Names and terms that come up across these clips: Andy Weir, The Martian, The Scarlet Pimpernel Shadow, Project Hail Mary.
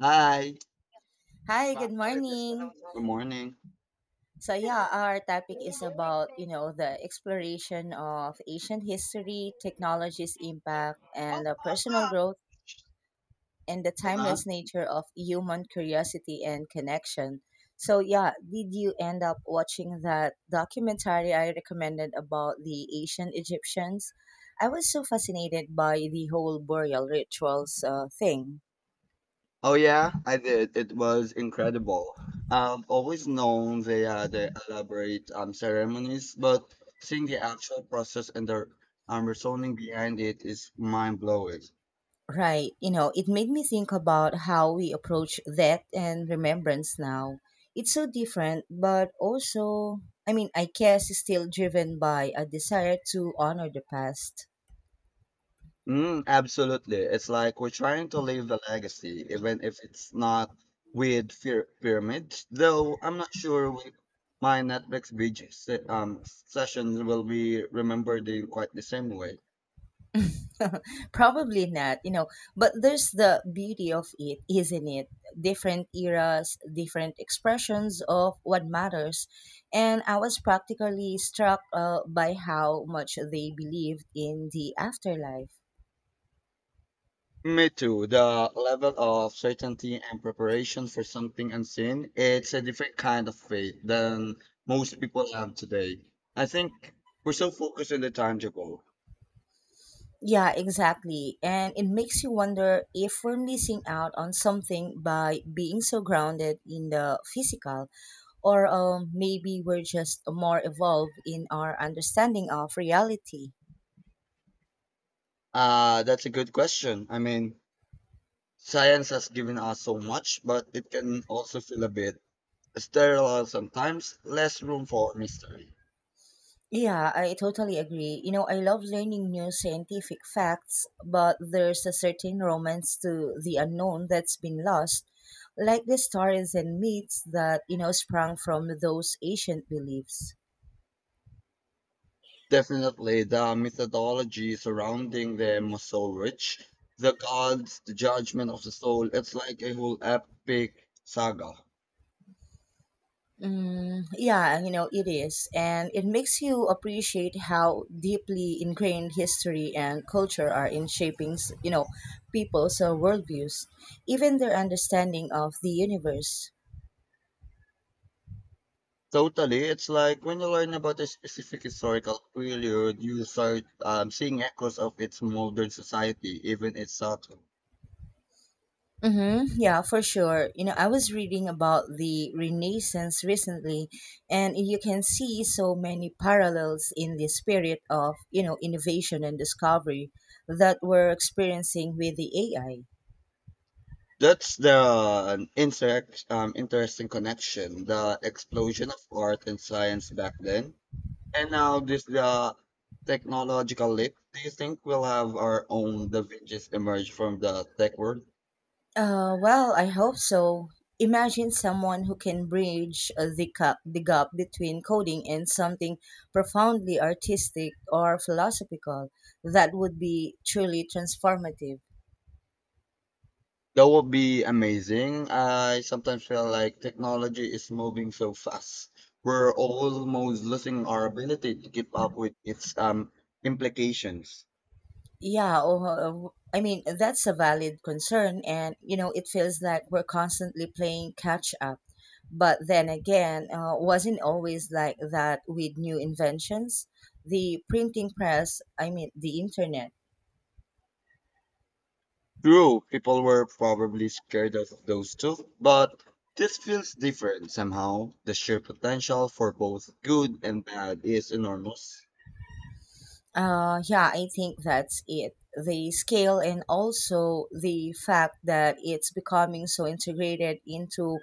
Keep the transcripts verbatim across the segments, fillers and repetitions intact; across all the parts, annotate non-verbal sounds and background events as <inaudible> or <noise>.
Hi. Hi, Wow. good morning. Good morning. So yeah, our topic is about, you know, the exploration of ancient history, technology's impact, and uh, personal growth and the Uh-huh. timeless nature of human curiosity and connection. So yeah, did you end up watching that documentary I recommended about the ancient Egyptians? I was so fascinated by the whole burial rituals uh, thing. Oh yeah, I did. It was incredible. I've always known they had the elaborate um, ceremonies, but seeing the actual process and the um, reasoning behind it is mind blowing. Right. You know, it made me think about how we approach death and remembrance now. It's so different, but also, I mean, I guess it's still driven by a desire to honor the past. Mm, absolutely. It's like we're trying to leave a legacy, even if it's not with fear pyramids. Though I'm not sure with my Netflix binge se- um, sessions will be remembered in quite the same way. <laughs> Probably not, you know, but there's the beauty of it, isn't it? Different eras, different expressions of what matters. And I was practically struck uh, by how much they believed in the afterlife. Me too. The level of certainty and preparation for something unseen, it's a different kind of faith than most people have today. I think we're so focused on the tangible. Yeah, exactly. And it makes you wonder if we're missing out on something by being so grounded in the physical, or um, maybe we're just more evolved in our understanding of reality. Uh, that's a good question. I mean, science has given us so much, but it can also feel a bit sterile sometimes, less room for mystery. Yeah, I totally agree. You know, I love learning new scientific facts, but there's a certain romance to the unknown that's been lost, like the stories and myths that, you know, sprang from those ancient beliefs. Definitely, the methodology surrounding them was so rich. The gods, the judgment of the soul, it's like a whole epic saga. Mm, yeah, you know, it is. And it makes you appreciate how deeply ingrained history and culture are in shaping, s- you know, people's uh, worldviews, even their understanding of the universe. Totally, it's like when you learn about a specific historical period, you start um, seeing echoes of its modern society, even its subtle. Mm-hmm. Yeah, for sure. You know, I was reading about the Renaissance recently, and you can see so many parallels in the spirit of, you know, innovation and discovery that we're experiencing with the A I. That's the interact, um, interesting connection, the explosion of art and science back then. And now this the technological leap. Do you think we'll have our own Da Vinci's emerge from the tech world? Uh, well, I hope so. Imagine someone who can bridge uh, the, gap, the gap between coding and something profoundly artistic or philosophical. That would be truly transformative. That would be amazing. I sometimes feel like technology is moving so fast. We're almost losing our ability to keep up with its um implications. Yeah, oh, uh, I mean, that's a valid concern, and you know, it feels like we're constantly playing catch up. But then again, uh, wasn't always like that with new inventions. The printing press, I mean, the internet. True, people were probably scared of those two, but this feels different somehow. The sheer potential for both good and bad is enormous. Uh, yeah, I think that's it. The scale and also the fact that it's becoming so integrated into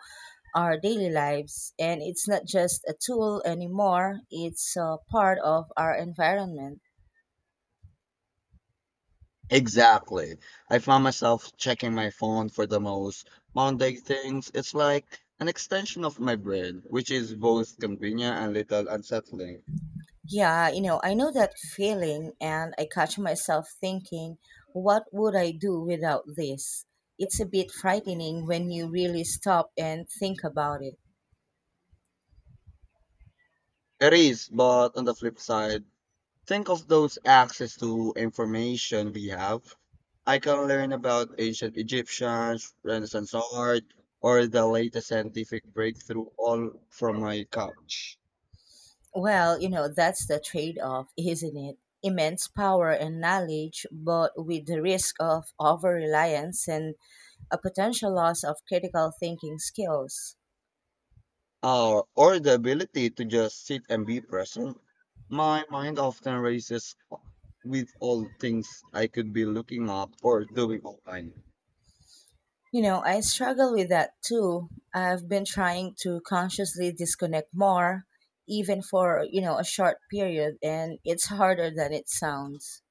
our daily lives. And it's not just a tool anymore, it's a part of our environment. Exactly. I found myself checking my phone for the most mundane things. It's like an extension of my brain, which is both convenient and little unsettling. Yeah, you know, I know that feeling, and I catch myself thinking, what would I do without this? It's a bit frightening when you really stop and think about it. It is, but on the flip side, think of those access to information we have. I can learn about ancient Egyptians, Renaissance art, or the latest scientific breakthrough all from my couch. Well, you know, that's the trade off, isn't it? Immense power and knowledge, but with the risk of over reliance and a potential loss of critical thinking skills. or, or the ability to just sit and be present. My mind often races with all things I could be looking up or doing online. You know, I struggle with that too. I've been trying to consciously disconnect more, even for, you know, a short period, and it's harder than it sounds.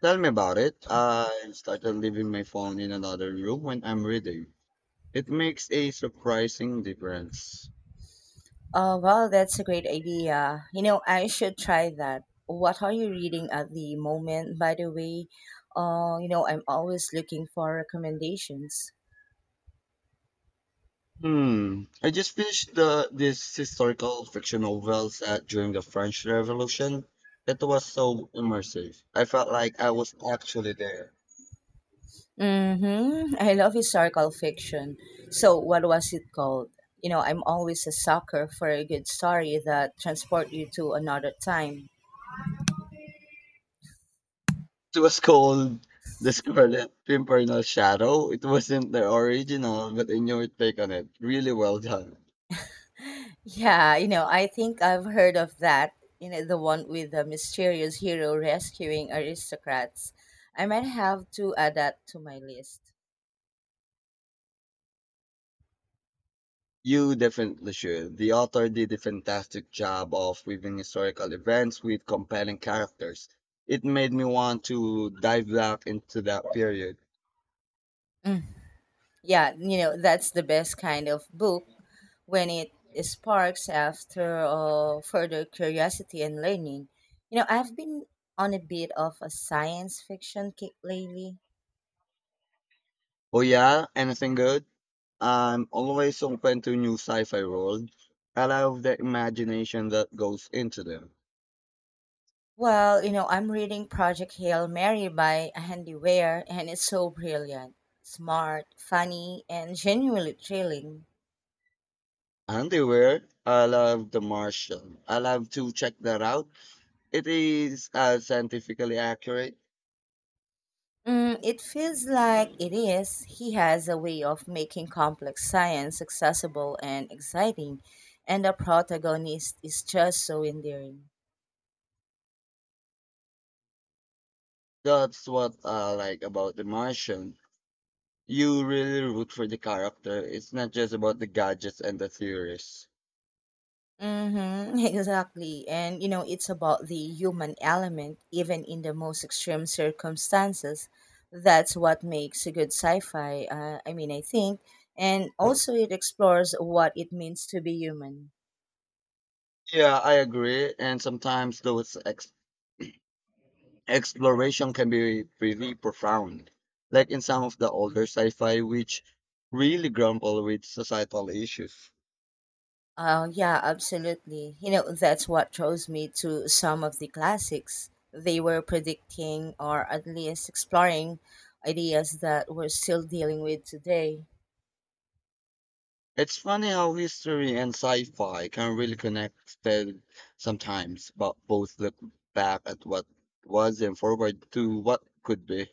Tell me about it. I started leaving my phone in another room when I'm reading. It makes a surprising difference. Oh well, that's a great idea. You know, I should try that. What are you reading at the moment, by the way? Uh, you know, I'm always looking for recommendations. Hmm. I just finished the this historical fiction novel set during the French Revolution. It was so immersive. I felt like I was actually there. Mm-hmm. I love historical fiction. So, what was it called? You know, I'm always a sucker for a good story that transport you to another time. It was called The Scarlet Pimpernel Shadow. It wasn't the original, but I knew your take on it. Really well done. Yeah, you know, I think I've heard of that. You know, the one with the mysterious hero rescuing aristocrats. I might have to add that to my list. You definitely should. The author did a fantastic job of weaving historical events with compelling characters. It made me want to dive back into that period. Mm, yeah, you know, that's the best kind of book when it sparks after uh, further curiosity and learning. You know, I've been on a bit of a science fiction kick lately. Oh yeah, anything good? I'm always open to new sci-fi world. I love the imagination that goes into them. Well, you know, I'm reading Project Hail Mary by Andy Weir, and it's so brilliant, smart, funny, and genuinely thrilling. And they were. I love The Martian. I love to check that out. It is uh, scientifically accurate. Mm, it feels like it is. He has a way of making complex science accessible and exciting, and the protagonist is just so endearing. That's what I like about The Martian. You really root for the character. It's not just about the gadgets and the theories. Mm-hmm, <laughs> exactly. And you know, it's about the human element, even in the most extreme circumstances. That's what makes a good sci fi, uh, I mean, I think. And also, it explores what it means to be human. Yeah, I agree. And sometimes those ex- exploration can be pretty profound, like in some of the older sci-fi, which really grapple with societal issues. Oh, yeah, absolutely. You know, that's what draws me to some of the classics. They were predicting or at least exploring ideas that we're still dealing with today. It's funny how history and sci-fi can really connect then sometimes, but both look back at what was and forward to what could be.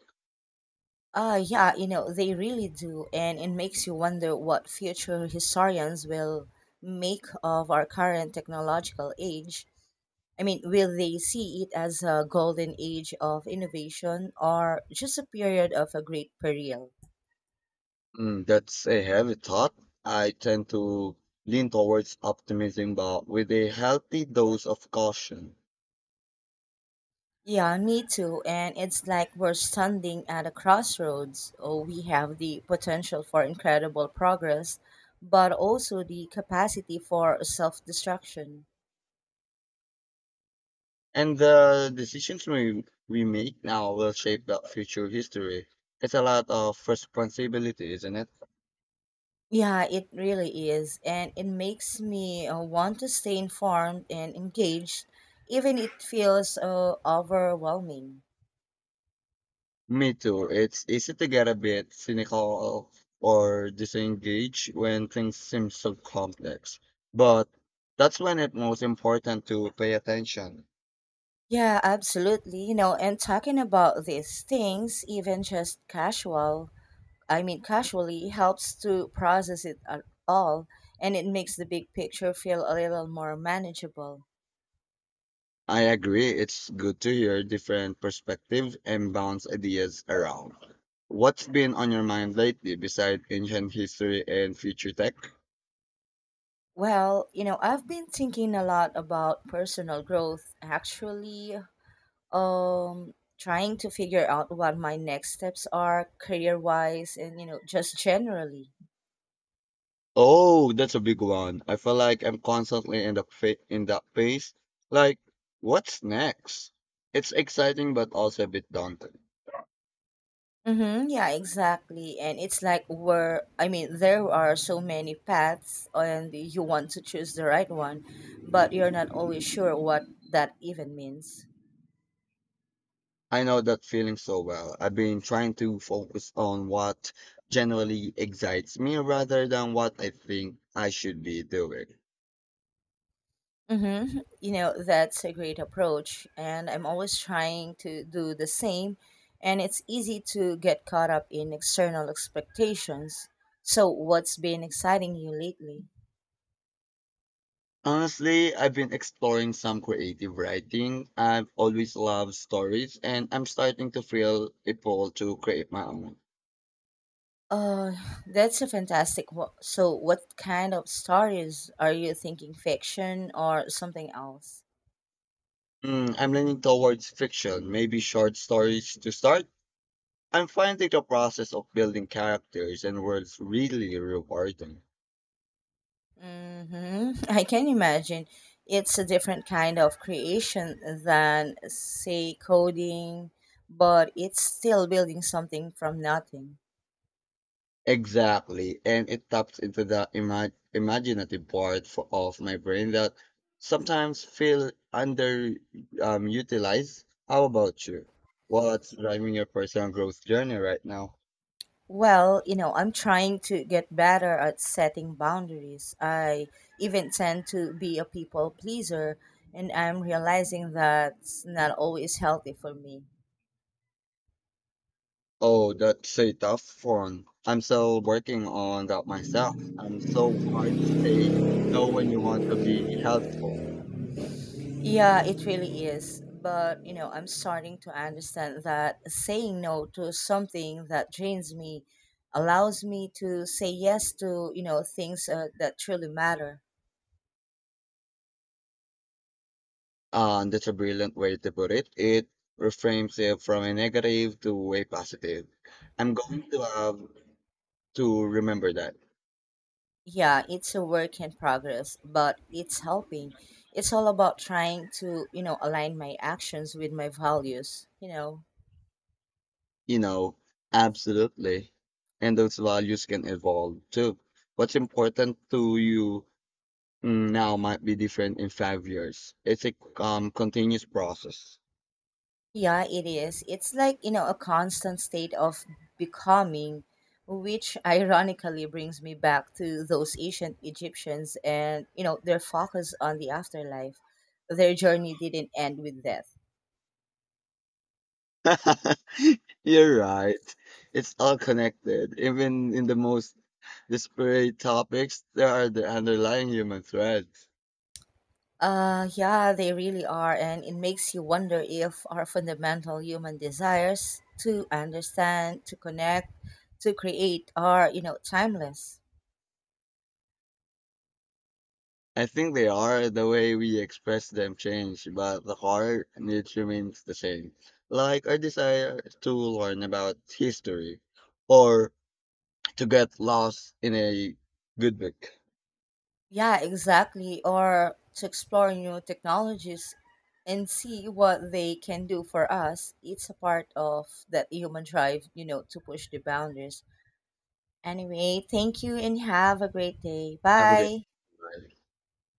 Uh, yeah, you know, they really do. And it makes you wonder what future historians will make of our current technological age. I mean, will they see it as a golden age of innovation or just a period of a great peril? Mm, that's a heavy thought. I tend to lean towards optimism, but with a healthy dose of caution. Yeah, me too. And it's like we're standing at a crossroads. Oh, we have the potential for incredible progress, but also the capacity for self destruction. And the decisions we, we make now will shape that future history. It's a lot of responsibility, isn't it? Yeah, it really is. And it makes me uh, want to stay informed and engaged, even it feels uh, overwhelming. Me too. It's easy to get a bit cynical or disengaged when things seem so complex. But that's when it's most important to pay attention. Yeah, absolutely. You know, and talking about these things, even just casual, I mean, casually helps to process it at all, and it makes the big picture feel a little more manageable. I agree. It's good to hear different perspectives and bounce ideas around. What's been on your mind lately besides ancient history and future tech? Well, you know, I've been thinking a lot about personal growth actually. Um, trying to figure out what my next steps are career-wise and you know, just generally. Oh, that's a big one. I feel like I'm constantly in the fa in that phase. Like, what's next? It's exciting but also a bit daunting. Mm-hmm, yeah, exactly. And it's like where I mean, there are so many paths and you want to choose the right one, but you're not always sure what that even means. I know that feeling so well. I've been trying to focus on what generally excites me rather than what I think I should be doing. Mm-hmm. You know, that's a great approach, and I'm always trying to do the same, and it's easy to get caught up in external expectations. So, what's been exciting you lately? Honestly, I've been exploring some creative writing. I've always loved stories and I'm starting to feel a pull to create my own. Uh, that's a fantastic. wo- so, what kind of stories are you thinking? Fiction or something else? Mm, I'm leaning towards fiction, maybe short stories to start. I'm finding the process of building characters and worlds really rewarding. Hmm, I can imagine it's a different kind of creation than, say, coding, but it's still building something from nothing. Exactly, and it taps into the ima- imaginative part for, of my brain that sometimes feel under um, utilized. How about you? What's driving your personal growth journey right now? Well, you know, I'm trying to get better at setting boundaries. I even tend to be a people pleaser, and I'm realizing that's not always healthy for me. Oh, that's a tough one. I'm still working on that myself. I'm so hard to say no when you want to be helpful. Yeah, it really is. But, you know, I'm starting to understand that saying no to something that drains me allows me to say yes to, you know, things uh, that truly matter. And that's a brilliant way to put it. It reframes it from a negative to a positive. I'm going to have to remember that. Yeah, it's a work in progress, but it's helping. It's all about trying to, you know, align my actions with my values, you know. You know, absolutely. And those values can evolve too. What's important to you mm, now might be different in five years. It's a um, continuous process. Yeah, it is. It's like, you know, a constant state of becoming, which ironically brings me back to those ancient Egyptians and, you know, their focus on the afterlife. Their journey didn't end with death. <laughs> You're right. It's all connected. Even in the most disparate topics, there are the underlying human threads. Uh, yeah, they really are. And it makes you wonder if our fundamental human desires to understand, to connect, to create are, you know, timeless. I think they are the way we express them change, but the core needs remains the same. Like our desire to learn about history or to get lost in a good book. Yeah, exactly. Or to explore new technologies and see what they can do for us. It's a part of that human drive, you know, to push the boundaries. Anyway, thank you and have a great day. Have a great Bye. night.